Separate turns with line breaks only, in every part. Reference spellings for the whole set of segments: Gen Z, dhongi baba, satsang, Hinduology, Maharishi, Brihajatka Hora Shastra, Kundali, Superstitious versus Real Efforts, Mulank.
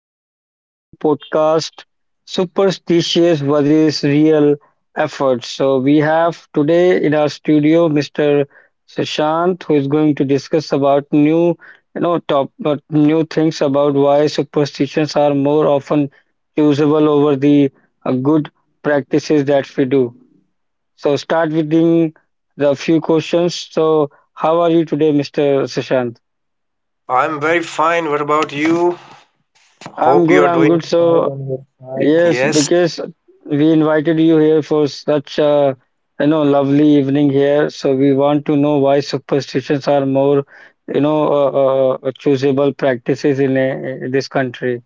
welcome to our new podcast, Superstitious versus Real Efforts. So, we have today in our studio Mr. Sushant, who is going to discuss about new, you know, top new things about why superstitions are more often usable over the good practices that we do. So, start with the few questions. So, how are you today, Mr. Sushant?
I'm very fine. What about you?
I'm
Hope
good.
you're
I'm
doing
good.
fine
So
on your side.
yes,
Yes.
because we invited you here for such a, you know, lovely evening here. So we want to know why superstitions are more, you know, choosable practices in this country.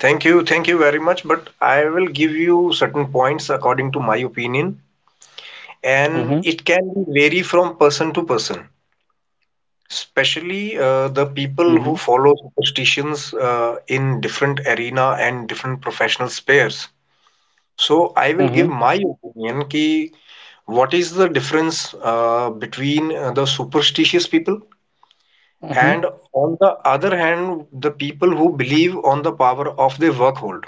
Thank you. Thank you very much. But I will give you certain points according to my opinion, and
Mm-hmm,
it can vary from person to person, especially the people who
mm-hmm,
follow superstitions in different arena and different professional spheres. So I will give
mm-hmm,
my opinion ki what is the difference between the superstitious people
mm-hmm.
and on the other hand, the people who believe on the power of their work hold.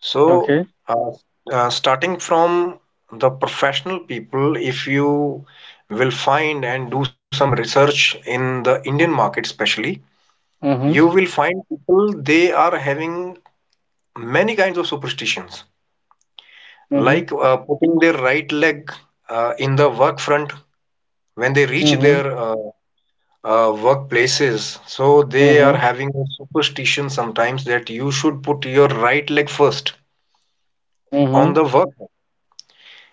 So,
Okay.
uh, starting from the professional people, if you will find and do some research in the Indian market, especially, you
Mm-hmm,
will find people they are having many kinds of superstitions,
mm-hmm,
like putting their right leg in the work front when they reach
mm-hmm,
their workplaces. So they are
mm-hmm,
having a superstition sometimes that you should put your right leg first on
mm-hmm,
the work.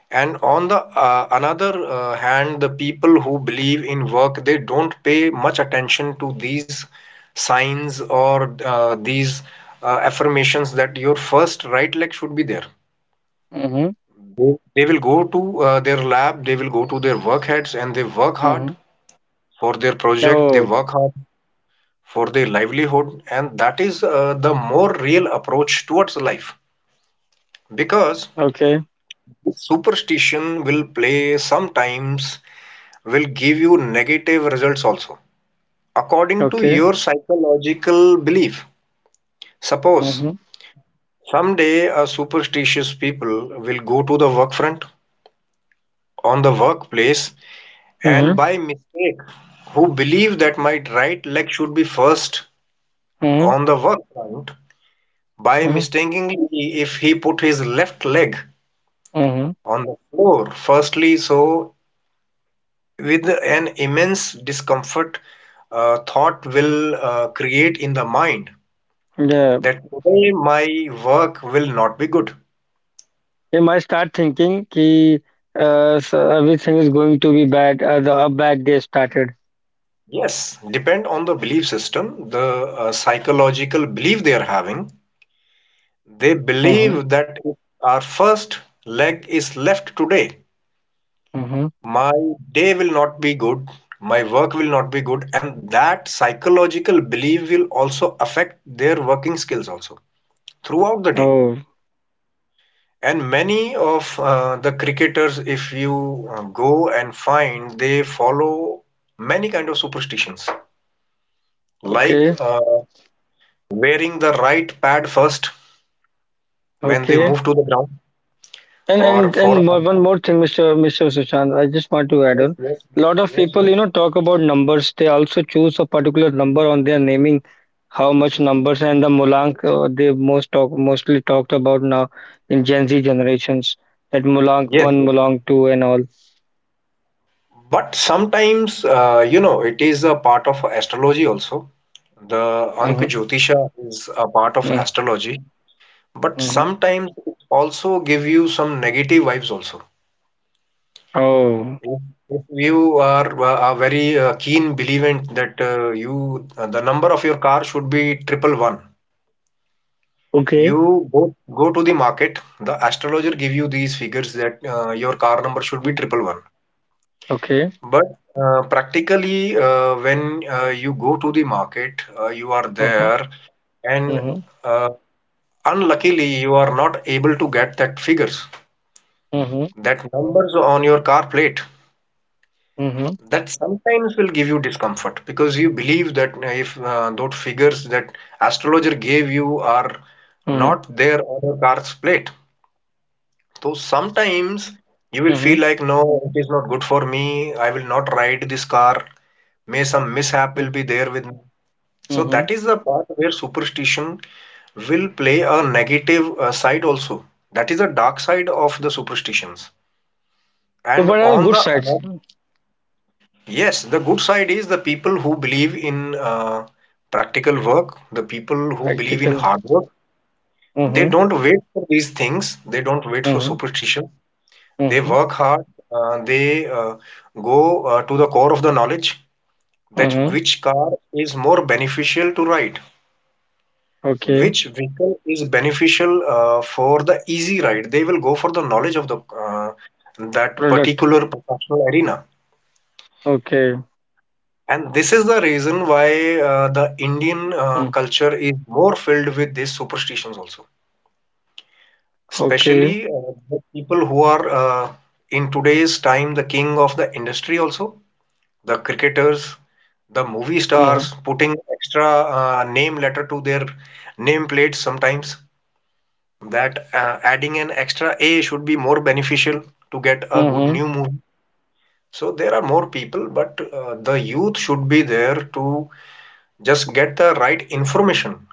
And on the another hand, the people who believe in work, they don't pay much attention to these signs or these affirmations that your first right leg should be there.
mm-hmm,
They will go to their lab, they will go to their work heads, and they work hard
mm-hmm.
for their project. They
Oh,
work hard for their livelihood, and that is the more real approach towards life because
okay,
superstition will play sometimes will give you negative results also according to
okay.
your psychological belief. Suppose
Mm-hmm,
someday a superstitious people will go to the work front on the workplace and
mm-hmm,
by mistake who believe that my right leg should be first on the work front, by
mm-hmm,
mistakenly if he put his left leg
mm-hmm.
on the floor firstly, so with an immense discomfort thought will create in the mind
Yeah.
that today my work will not be good.
They might start thinking ki, so everything is going to be bad, the bad day started.
Yes, depend on the belief system, the psychological belief they are having, they
Mhm,
believe that if our first leg is left today,
mhm.
my day will not be good, my work will not be good, and that psychological belief will also affect their working skills also throughout the day.
Oh,
And many of the cricketers, if you go and find, they follow many kind of superstitions, like
okay,
wearing the right pad first when they
okay.
move to the ground
And
or
and
for
and
a
more, one
match.
more thing, Mr. Sushant, I just want to add
Yes,
on.
yes,
A
yes,
lot of
yes,
people,
yes.
you know, talk about numbers. They also choose a particular number on their naming, how much numbers and the Mulank they mostly talked about now in Gen Z generations. That Mulank
Yes,
one,
yes.
Mulank two, and all.
But sometimes, it is a part of astrology also. The Ank
Mm-hmm,
Jyotisha is a part of
mm-hmm.
astrology, but
Mm-hmm.
sometimes it also give you some negative vibes also.
Oh,
If, if you are a very keen believer that you the number of your car should be triple one,
okay.
you go to the market. The astrologer give you these figures that your car number should be
Mm,
triple one.
okay.
But practically, when you go to the market, you are
Mhm,
there, and
mhm,
uh, unluckily, you are not able to get that figures,
mhm,
that numbers on your car plate.
mhm,
That sometimes will give you discomfort because you believe that if those figures that astrologer gave you are
mhm,
not there on your car's plate, so sometimes you will feel
mhm,
like, no, it is not good for me. I will not ride this car. May some mishap
mm,
will be there with me. So
mhm.
that is the part where superstition will play a negative side also. That is the dark side of the superstitions.
So
And
what are
on
good
the
sides?
other, yes, the good side is the people who believe in practical work, the people who believe in
Practical.
hard work.
Mm,
They
practical.
don't wait for these things. They don't wait for
Mhm,
superstition.
mhm,
They
mhm,
work hard. They go to the core of the knowledge that
mhm.
which car is more beneficial to ride.
Okay.
Which vehicle is beneficial for the easy ride? They will go for the knowledge of the that
Product.
particular professional arena.
Okay.
And this is the reason why the Indian
Mm,
culture is more filled with these superstitions also.
okay.
Especially the people who are in today's time the king of the industry also, the cricketers, the movie
Mhm,
stars putting extra name letter to their name plates sometimes that adding an extra A should be more beneficial to get a good
mhm,
new movie. So there are more people, but the youth should be there to just get the right information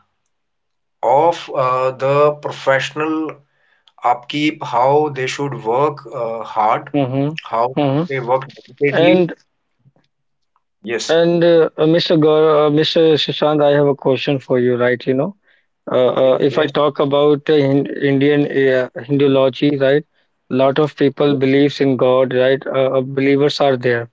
of the professional upkeep, how they should work hard,
mhm,
how
mhm.
they work dedicatedly.
And
Yes,
and Mr. Gaur, Mr. Shashant, I have a question for you, right? You know,
yes,
uh,
yes,
if
yes,
I talk about Indian Hinduology, right? Lot of people believes in god, right? Believers are there,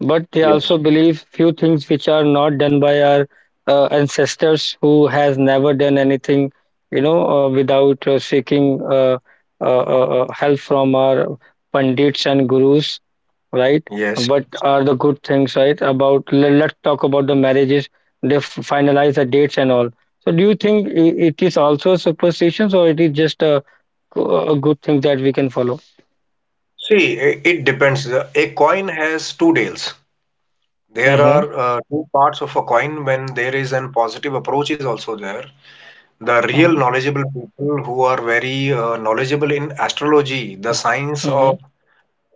but they
yes,
also believe few things which are not done by our ancestors, who has never done anything, you know, without seeking uh, help from our pandits and gurus, right?
yes.
What
Yes.
are the good things, right? About let's talk about the marriages. They finalize the dates and all. So do you think it is also superstitions, or it is just a good thing that we can follow?
See, it depends. A coin has two tails. There are
Mm-hmm.
two parts of a coin when there is an positive approach is also there. The real knowledgeable people who are very knowledgeable in astrology, the science
Mm-hmm.
of
Mm-hmm.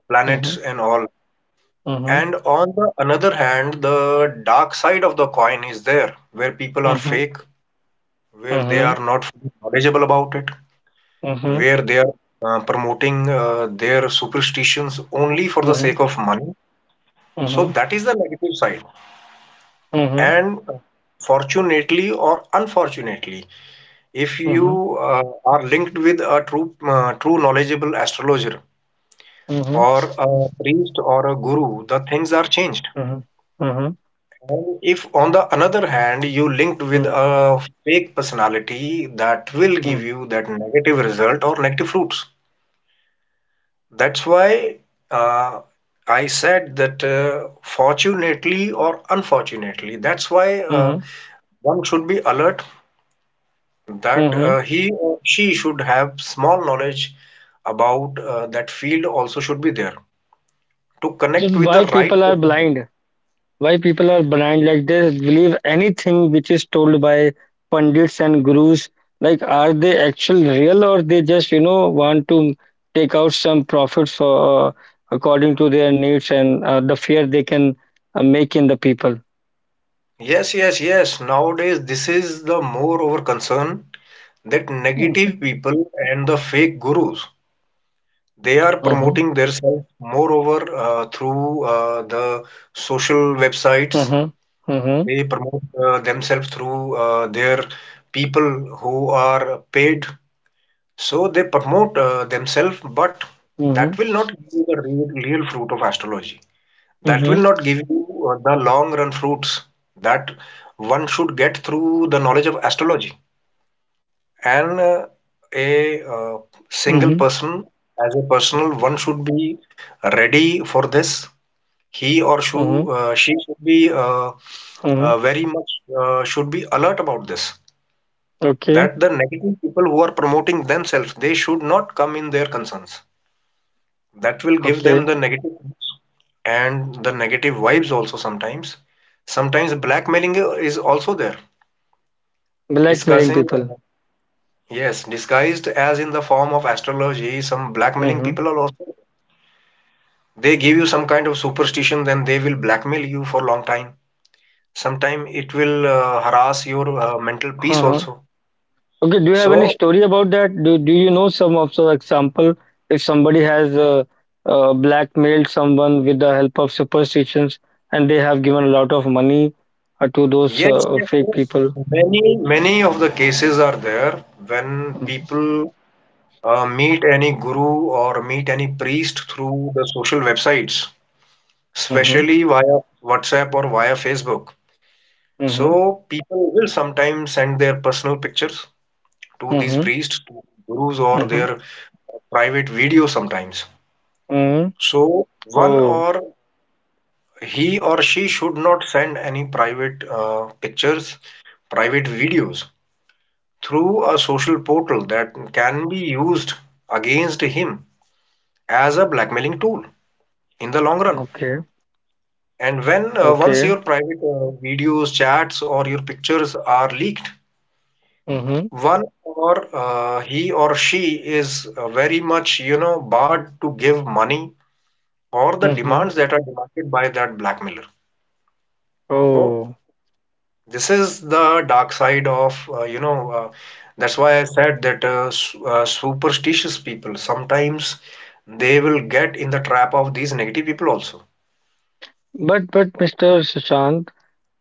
planets
Mm-hmm.
and all. And on the another hand, the dark side of the coin is there, where people are
Mm-hmm.
fake, where they
Mm-hmm.
are not fully knowledgeable about it,
Mhm,
where they are promoting their superstitions only for the
mhm,
sake of money. So
mhm,
that is the negative side.
mhm,
And fortunately or unfortunately, if
mhm,
you are linked with a true knowledgeable astrologer
mhm, mhm,
or a priest or a guru, the things are changed.
mhm, mhm, mhm,
And if, on the another hand, you linked with a fake personality, that will give you that negative result or negative fruits. That's why uh, I said that fortunately or unfortunately, that's why
mhm,
one should be alert that
mhm.
he or she should have small knowledge about that field also should be there to
So
connect with the
why
right
people are
person.
blind? Why people are blind? Like, they believe anything which is told by pundits and gurus. Like, are they actual real, or they just, you know, want to take out some profits for, according to their needs and the fear they can make in the people?
Yes, yes, yes. Nowadays, this is the more over concern that
Mhm,
negative people and the fake gurus they are
mhm,
promoting themselves moreover through the social websites.
mhm, mhm,
They promote themselves through their people who are paid. So they promote themselves, but that
mhm,
will not give you the real fruit of astrology. That
mhm,
will not give you the long run fruits that one should get through the knowledge of astrology. And a single
mhm,
person, as a personal, one should be ready for this. He or
mhm,
she should be
mhm.
very much should be alert about this.
Okay,
That the negative people who are promoting themselves, they should not come in their concerns that will give them
okay.
the negative and the negative vibes also. Sometimes blackmailing is also there
Blackmailing
discussing,
people.
yes, disguised as in the form of astrology. Some blackmailing
Mm-hmm.
people are also they give you some kind of superstition, then they will blackmail you for long time. Sometime it will harass your mental peace
Uh-huh.
also.
Okay, do you have any
So
story about that? Do you know some of so example if somebody has blackmailed someone with the help of superstitions, and they have given a lot of money to those
yes, yes,
fake
yes,
people?
many many of the cases are there when
Mm-hmm.
people meet any guru or meet any priest through the social websites,
Mm-hmm.
especially via WhatsApp or via Facebook. So
Mm-hmm.
people will sometimes send their personal pictures to these
Mm-hmm.
priests, to gurus, or
Mm-hmm.
their private videos sometimes.
Mm-hmm.
So one
Oh,
or he or she should not send any private pictures, private videos through a social portal that can be used against him as a blackmailing tool in the long run.
okay.
And when once
Okay.
your private videos, chats, or your pictures are leaked,
Mm-hmm.
one or he or she is very much, barred to give money or the
Mm-hmm.
demands that are demanded by that blackmailer. So
Oh.
this is the dark side of, that's why I said that superstitious people sometimes they will get in the trap of these negative people also.
But Mr. Sushant,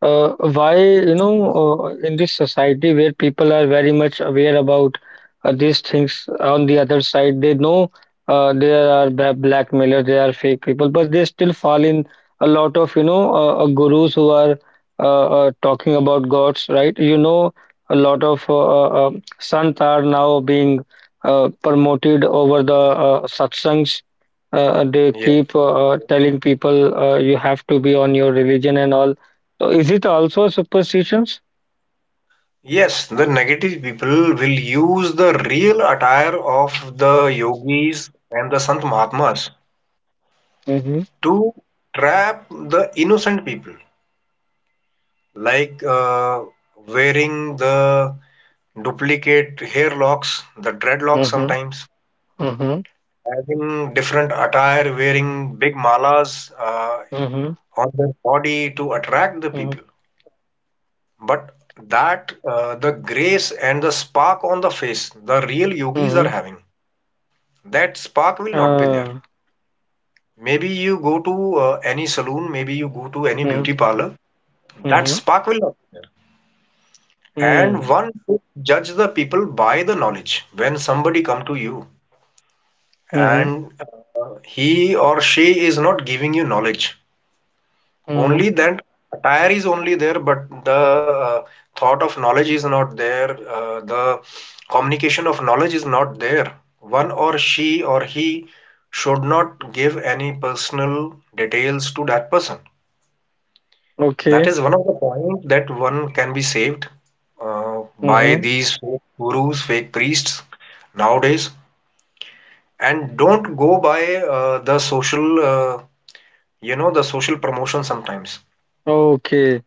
Why, you know, in this society where people are very much aware about these things, on the other side, they know there are blackmailers, there are fake people, but they still fall in a lot of, you know, gurus who are talking about gods, right? You know, a lot of sants are now being promoted over the satsangs. Uh, they
Yes.
keep uh, uh,
Yes.
telling people you have to be on your religion and all. So is it also a superstitions?
Yes, the negative people will use the real attire of the yogis and the Sant Mahatmas
Mm-hmm.
to trap the innocent people, like wearing the duplicate hair locks, the dreadlocks
Mm-hmm.
sometimes,
Mm-hmm.
having different attire, wearing big malas
Mm-hmm.
on their body to attract the
Mm-hmm.
people. But that the grace and the spark on the face, the real yogis are
Mm-hmm.
having. That spark will not be there.
Uh,
Maybe you go to any saloon, maybe you go to any
mm-hmm.
beauty parlor, that
Mm-hmm.
spark will not be there.
Mm,
And one should judge the people by the knowledge. When somebody come to you
mm-hmm.
and he or she is not giving you knowledge,
Mm-hmm.
only that attire is only there, but the thought of knowledge is not there. The communication of knowledge is not there. One or she or he should not give any personal details to that person. That
Okay,
is one of the point that one can be saved by
mm-hmm.
these fake gurus, fake priests nowadays. And don't go by the social, the social promotion sometimes.
Okay.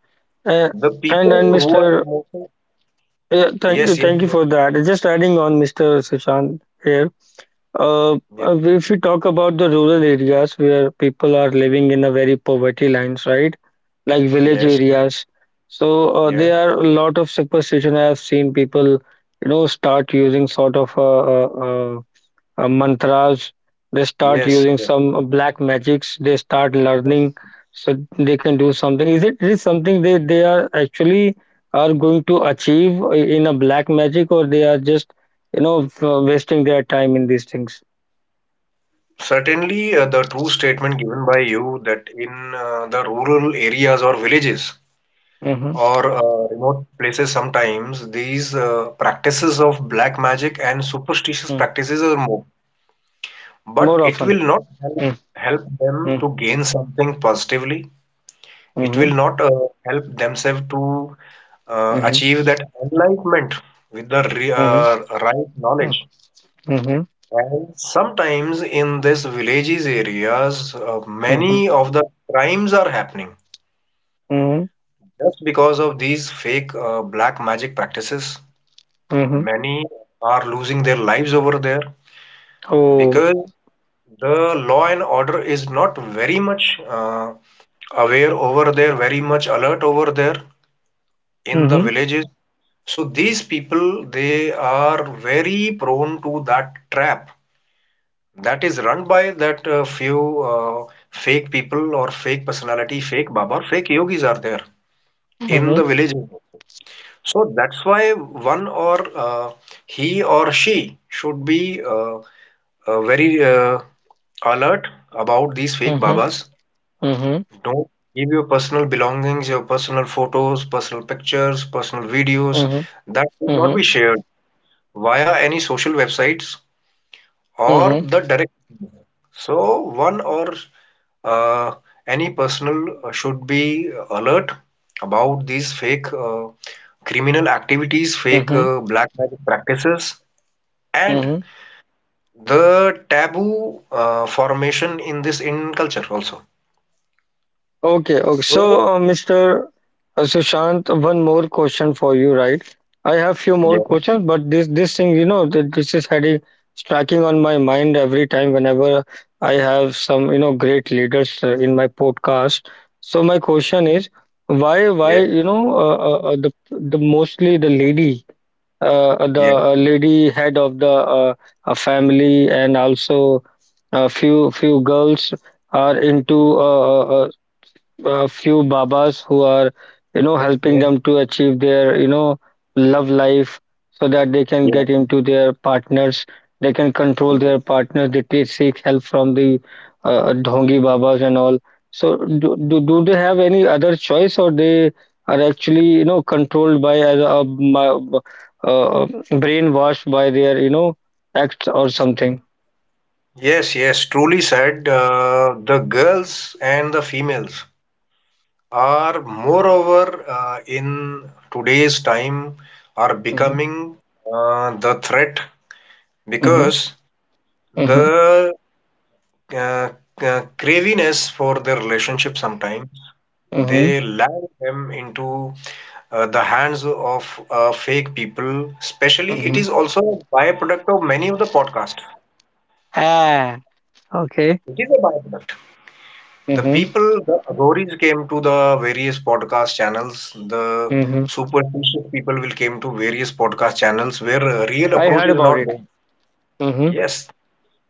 Uh,
The
and
people
and
who are
Mr.
promoting
Yeah,
yes, yes,
thank you for that. Just adding on, Mr. Sushant here. Uh,
yes,
if we talk about the rural areas where people are living in a very poverty lines, right? Like village
yes, yes,
areas. So
yes,
there are a lot of superstition. I have seen people, you know, start using sort of mantras. They start
yes,
using
yes.
some black magics. They start
Yes.
learning so they can do something. Is it something they are actually are going to achieve in a black magic, or they are just, you know, wasting their time in these things?
Certainly, the true statement given by you that in the rural areas or villages
Hmm.
or remote places, sometimes these practices of black magic and superstitious practices are more, but
More
it
often.
will not help,
Mm.
help
Mm.
them to gain something positively. It
Mm-hmm.
will not help themselves to
Mm-hmm.
achieve that enlightenment with the re right knowledge.
Mm-hmm. Mm-hmm.
And sometimes in this villages areas,
Mm-hmm.
many of the crimes are happening
Mhm,
just because of these fake black magic practices.
mhm.
Many are losing their lives over there
Oh.
because the law and order is not very much aware over there, very much alert over there in the
Mhm,
villages. So these people, they are very prone to that trap that is run by that few fake people or fake personality, fake Baba, or fake yogis are there in
mhm,
the villages. So that's why one or he or she should be very alert about these fake
mhm,
Babas.
mhm,
Don't give your personal belongings, your personal photos, personal pictures, personal videos.
mhm,
That should not
mhm,
be shared via any social websites or
mhm,
the direct move. So one or uh, any personal should be alert about these fake criminal activities, fake
mhm,
black magic practices, and
mhm.
the taboo formation in this Indian culture also.
Okay, okay.
So
So, Mr. Sushant, one more question for you, right? I have few more
yes,
questions, but this thing, you know, that this is heading striking on my mind every time whenever I have some, you know, great leaders in my podcast. So my question is, why
yes,
you know the mostly the lady the
yes,
lady head of the family, and also a few girls are into a few babas who are, you know,
yes,
helping
yes,
them to achieve their, you know, love life, so that they can
yes,
get into their partners, they can control their
yes.
partners, they take, seek help from the dhongi babas and all. So do they have any other choice, or they are actually, you know, controlled by as a, uh uh, brainwashed by their, you know, acts or something.
Yes, yes, truly said. The girls and the females are moreover in today's time are
Mm-hmm,
becoming the threat
mm-hmm,
because
mm-hmm,
the uh, craviness for the relationship sometimes
mm-hmm,
they land them into the hands of fake people, especially. It
mm-hmm.
is also a byproduct of many of the podcasts.
Ah, okay.
It is a byproduct. The people, the Agoris came to the various podcast channels. The
Mhm.
superstitious people will came to various podcast channels where a real
I
approach
heard
is
about
not
it.
done.
Mhm.
Yes.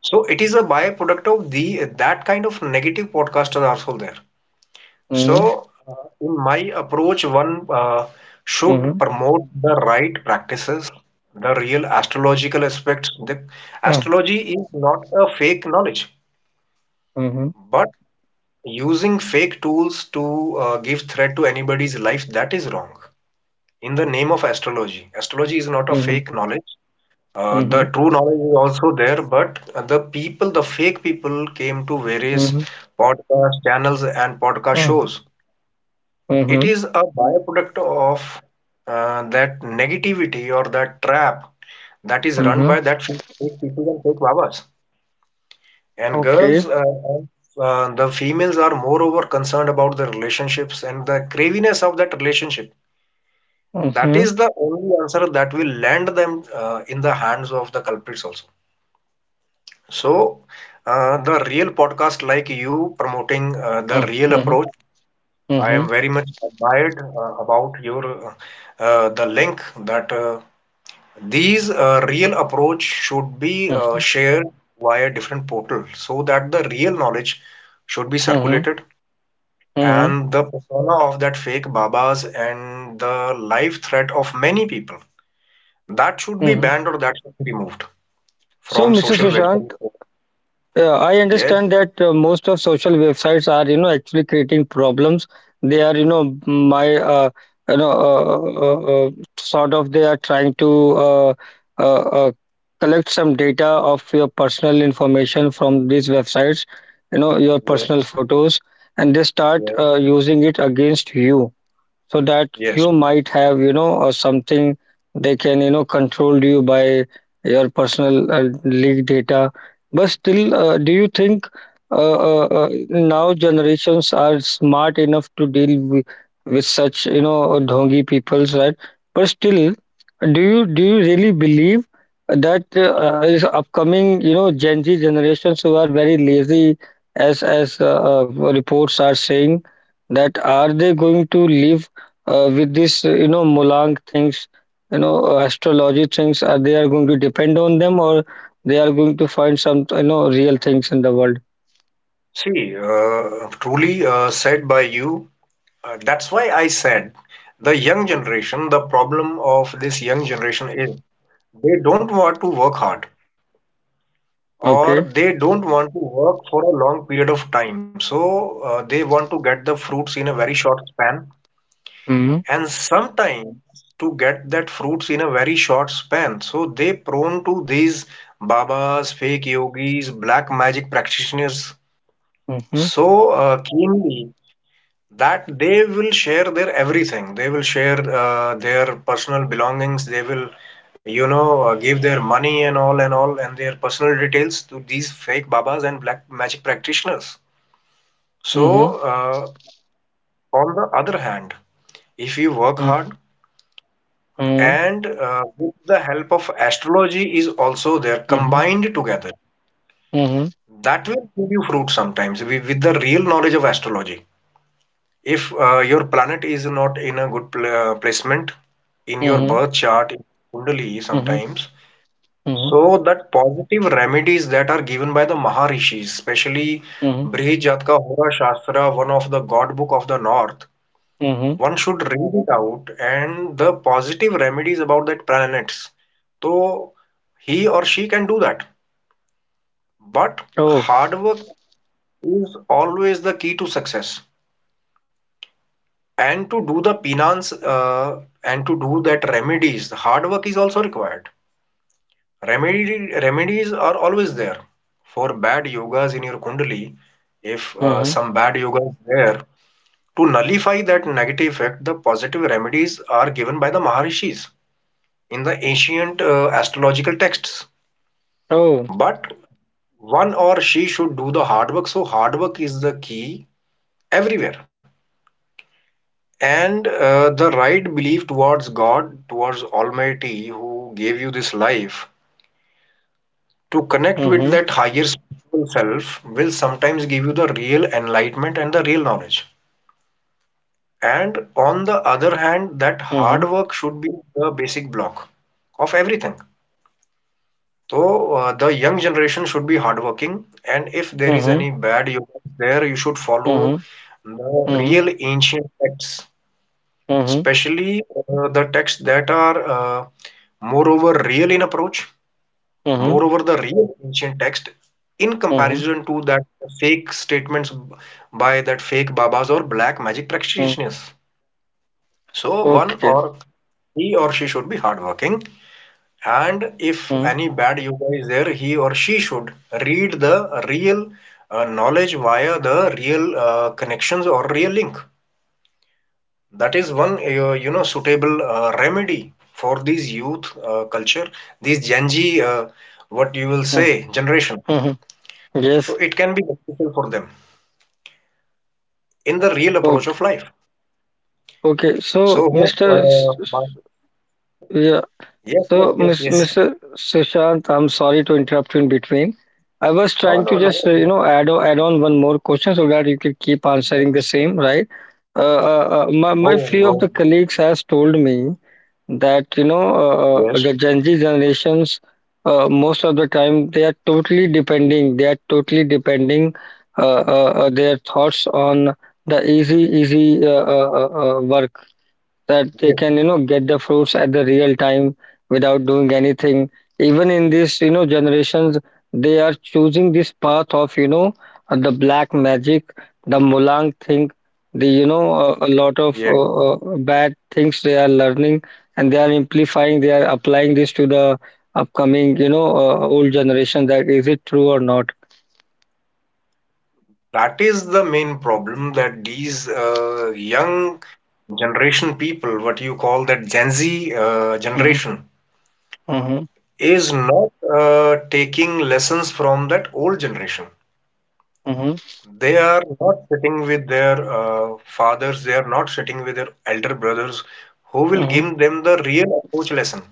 So it is a byproduct of the that kind of negative podcasters are also there.
Mhm.
So in my approach, one should
Mhm.
promote the right practices, the real astrological aspects. The
Mhm.
astrology is not a fake knowledge,
Mhm.
but using fake tools to give threat to anybody's life, that is wrong. In the name of astrology, astrology is not a
Mhm.
fake knowledge. The
Mhm.
true knowledge is also there, but the people, the fake people, came to various
Mhm.
podcast channels and podcast
Mhm.
shows. It
Mhm.
is a byproduct of that negativity or that trap that is run
Mhm.
by that fake people and fake babas. And girls,
Okay.
the females are moreover concerned about the relationships and the craviness of that relationship. That
Mhm.
is the only answer that will land them in the hands of the culprits also. So, the real podcast like you promoting the real
Mhm.
approach, I
Mhm.
am very much admired about your the link that These real approach should be
Mhm.
shared via different portals so that the real knowledge should be
Mhm.
circulated
Mhm.
and the persona of that fake babas and the life threat of many people that should be
Mhm.
banned or that should be removed
So,
from
Mr.
social
Sushant,
websites.
yeah, I understand
Yes,
that most of social websites are, you know, actually creating problems. They are, you know, my, you know, uh, uh, uh, uh, sort of they are trying to uh, uh, collect some data of your personal information from these websites, you know, your
yes,
personal photos, and they start
yes,
using it against you, so that
yes.
you might have, you know, or something they can, you know, control you by your personal leak data. But still, do you think now generations are smart enough to deal with such, you know, dhongi peoples, right? But still, do you really believe that is upcoming, you know, Gen Z generations who are very lazy, as reports are saying, that are they going to live with this, you know, Mulang things, you know, astrology things, are they are going to depend on them, or they are going to find some, you know, real things in the world?
See, truly said by you. That's why I said the young generation, the problem of this young generation is they don't want to work hard
Okay.
or they don't want to work for a long period of time. So they want to get the fruits in a very short span,
Mm-hmm.
and sometimes to get that fruits in a very short span. So they prone to these babas, fake yogis, black magic practitioners,
Mm-hmm.
so keenly that they will share their everything, they will share their personal belongings, they will you know give their money and all and all and their personal details to these fake babas and black magic practitioners.
Mm-hmm.
So uh, on the other hand, if you work hard
Mm-hmm.
and with the help of astrology is also there
Mm-hmm. Mm-hmm.
combined together,
Mm-hmm.
that will give you fruit sometimes with the real knowledge of astrology. If your planet is not in a good placement in your
Mm-hmm.
birth chart, in Kundali sometimes,
Mm-hmm.
so that positive remedies that are given by the Maharishis, especially
Mm-hmm.
Brihajatka Hora Shastra, one of the God book of the North,
Mm-hmm.
one should read it out and the positive remedies about that planets. So he or she can do that. But
Oh.
hard work is always the key to success. And to do the penance and to do that remedies, the hard work is also required. Remedies are always there for bad yogas in your Kundali. If
Mm-hmm.
some bad yoga is there, to nullify that negative effect, the positive remedies are given by the Maharishis in the ancient astrological texts.
Oh.
But one or she should do the hard work. So, hard work is the key everywhere. And the right belief towards God, towards Almighty, who gave you this life, to connect with
Mm-hmm.
that higher spiritual self will sometimes give you the real enlightenment and the real knowledge. And on the other hand, that hard
Mm-hmm.
work should be the basic block of everything. So the young generation should be hardworking, and if there is
Mm-hmm.
any bad yoga there, you should follow
Mm-hmm.
the
Mm-hmm.
real ancient texts,
Mm-hmm.
especially the texts that are moreover real in approach,
Mm-hmm.
moreover the real ancient text in
Mm-hmm.
comparison to that fake statements by that fake babas or black magic
Mm.
practitioners. So one
Okay.
or he or she should be hardworking, and if
Mm-hmm.
any bad yoga is there, he or she should read the real knowledge via the real connections or real link. That is one, you know, suitable remedy for these youth culture, these Gen Z, what you will say, generation.
Mm-hmm.
So
Yes.
it can be beneficial for them in the real approach
Okay.
of life.
Okay. So,
So,
Mr. S- S-
my-
yeah.
yes,
So,
yes, yes,
Miss
yes.
Mr. Sushant, I'm sorry to interrupt you in between. I was trying
No,
to
no,
just,
no.
you know, add on, add on one more question so that you can keep answering the
Yes.
same, right? My
Go,
my few of
go.
the colleagues has told me that, you know,
Yes,
the Gen Z generations most of the time they are totally depending they are totally depending uh, their thoughts on the easy work that
yes,
they can, you know, get the fruits at the real time without doing anything. Even in this, you know, generations, they are choosing this path of, you know, the black magic, the mulang thing, the, you know, a lot of
yes.
bad things they are learning, and they are applying this to the upcoming, you know, old generation. That is it true or not?
That is the main problem that these young generation people, what you call that Gen Z
Mhm,
generation,
mhm,
is not taking lessons from that old generation.
mhm,
They are not sitting with their fathers, they are not sitting with their elder brothers who will
mhm,
give them the real approach lesson.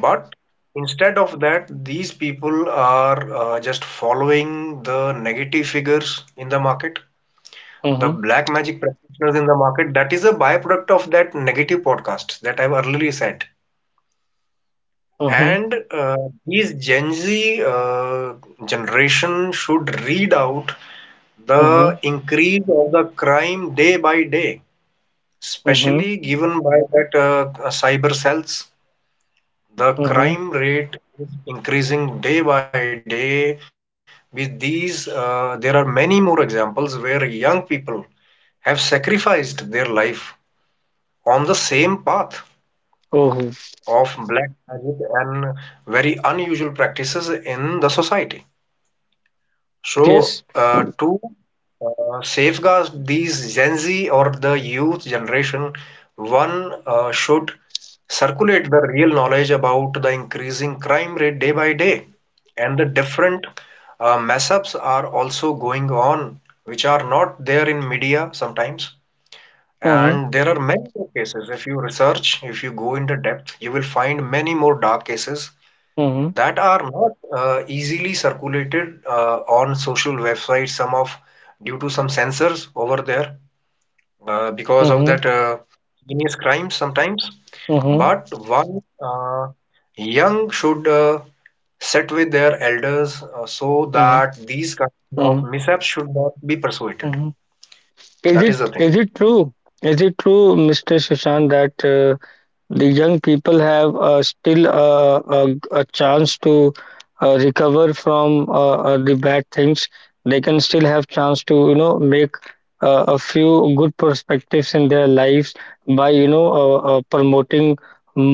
But instead of that, these people are just following the negative figures in the market,
mhm,
the
mhm,
black magic practitioners in the market. That is a byproduct of that negative podcast that I've earlier said.
mhm,
And these Gen Z generation should read out
mhm,
the increase of the crime day by day,
mhm,
especially given by that cyber cells. The
mhm.
crime rate is increasing day by day. With these, there are many more examples where young people have sacrificed their life on the same path
Oh.
of black magic and very unusual practices in the society.
Yes.
So, to safeguard these Gen Z or the youth generation, one should circulate the real knowledge about the increasing crime rate day by day. And the different mess ups are also going on, which are not there in media sometimes.
Uh-huh,
And there are many more cases. If you research, if you go into depth, you will find many more dark cases
uh-huh,
that are not easily circulated on social websites, some of due to some censors over there because of
uh-huh,
that heinous crimes sometimes.
uh-huh,
But one young should sit with their elders so
uh-huh,
that these kind of mishaps should not be persuaded.
uh-huh. Is
That is the
it
thing.
is it true? Is it true, Mr. Sushant, that the young people have still a chance to recover from the bad things? They can still have chance to, you know, make a few good perspectives in their lives by, you know, promoting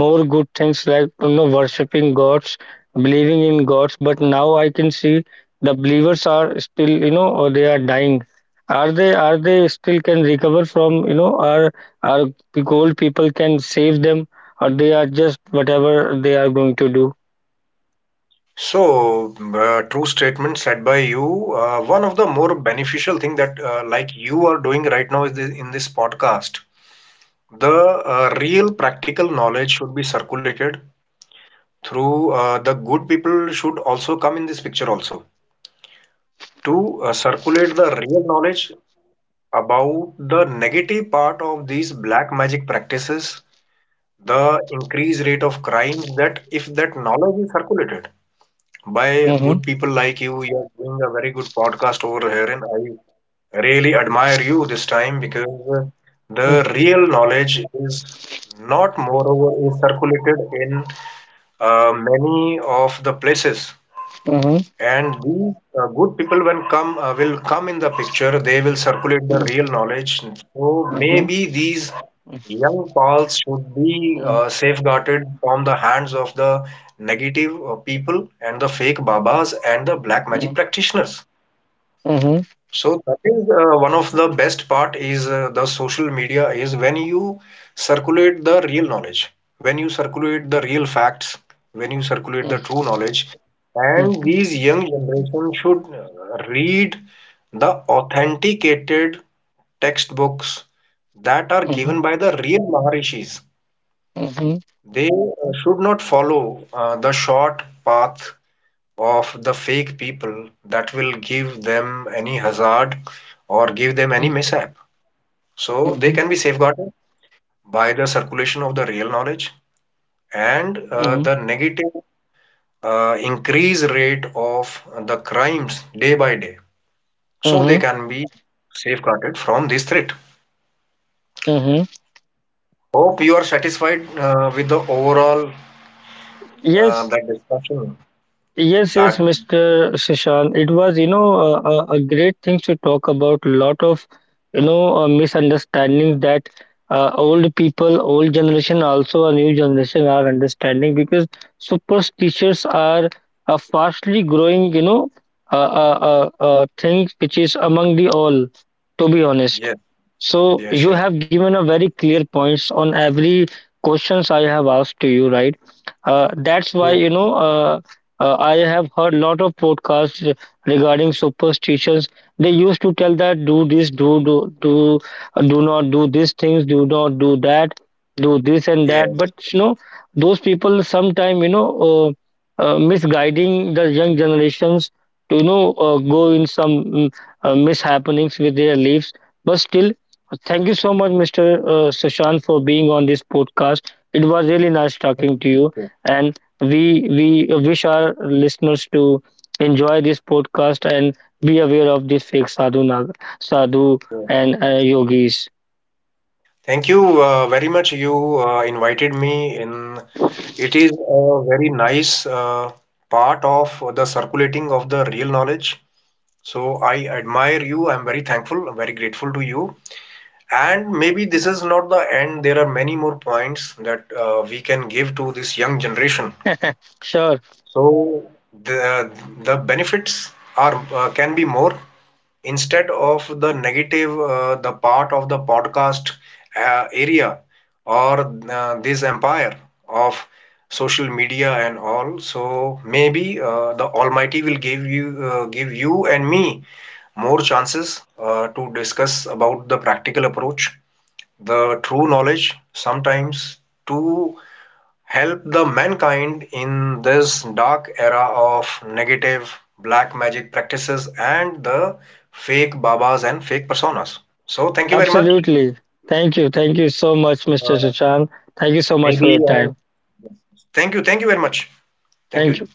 more good things, like, you know, worshiping gods, believing in gods. But now I can see the believers are still, you know, they are dying. Are they, still can recover from, you know, are gold people can save them, or they are just whatever they are going to do.
So, true statement said by you. One of the more beneficial thing that like you are doing right now is this, in this podcast, the real practical knowledge should be circulated through the good people should also come in this picture also to circulate the real knowledge about the negative part of these black magic practices, the increased rate of crimes that if that knowledge is circulated by
Mhm,
good people like you. You are doing a very good podcast over here, and I really admire you this time because the
mm,
real knowledge is not moreover is circulated in many of the places.
mhm,
And these good people, when come will come in the picture, they will circulate the
mm,
real knowledge. So
mhm, mm,
maybe these young pals should be
mm,
safeguarded from the hands of the negative people and the fake babas and the black magic
mm,
practitioners.
mhm,
So that is one of the best part is the social media is when you circulate the real knowledge, when you circulate the real facts, when you circulate
mm,
the true knowledge, and
mhm,
these young generation should read the authenticated textbooks that are
mhm,
given by the real Maharishis.
mhm,
They should not follow the short path of the fake people that will give them any hazard or give them any
mm,
mishap. So they
mhm,
can be safeguarded by the circulation of the real knowledge and
mhm,
the negative increase rate of the crimes day by day. So they
mhm,
can be safeguarded from this threat.
mhm.
Hope you are satisfied with the overall
Yes,
that discussion.
yes,
That
Mr. Shashank. It was, you know, a great thing to talk about. Lot of, you know, misunderstandings that old people, old generation, also a new generation are understanding, because superstitions are a fastly growing, you know, uh, uh, thing which is among the all, to be honest.
yes, yes,
So
yes,
you
yes.
have given a very clear points on every questions I have asked to you, right? That's
True.
why, you know, I have heard lot of podcasts regarding superstitions. They used to tell that do this, do not do these things, do not do that, do this and that.
Yes.
But you know, those people sometime, you know, misguiding the young generations to, you know, go in some mishappenings with their lives. But still, thank you so much, Mr. Sushant, for being on this podcast. It was really nice talking to you,
Yes,
and we wish our listeners to enjoy this podcast and be aware of these sadhu
yes.
and yogis.
Thank you very much. You invited me in. It is a very nice part of the circulating of the real knowledge. So I admire you. I'm very thankful. I'm very grateful to you. And maybe this is not the end. There are many more points that we can give to this young generation.
Sure.
So the the benefits are can be more instead of the negative the part of the podcast area or this empire of social media and all. So maybe the almighty will give you and me more chances to discuss about the practical approach, the true knowledge sometimes, to help the mankind in this dark era of negative black magic practices and the fake babas and fake personas. So thank you very much.
Absolutely. Thank you, thank you so much, Mr.
Uh,
Sushant. Thank you so much for
maybe
your time.
Thank you, thank you very much. Thank
Thank
you.
you.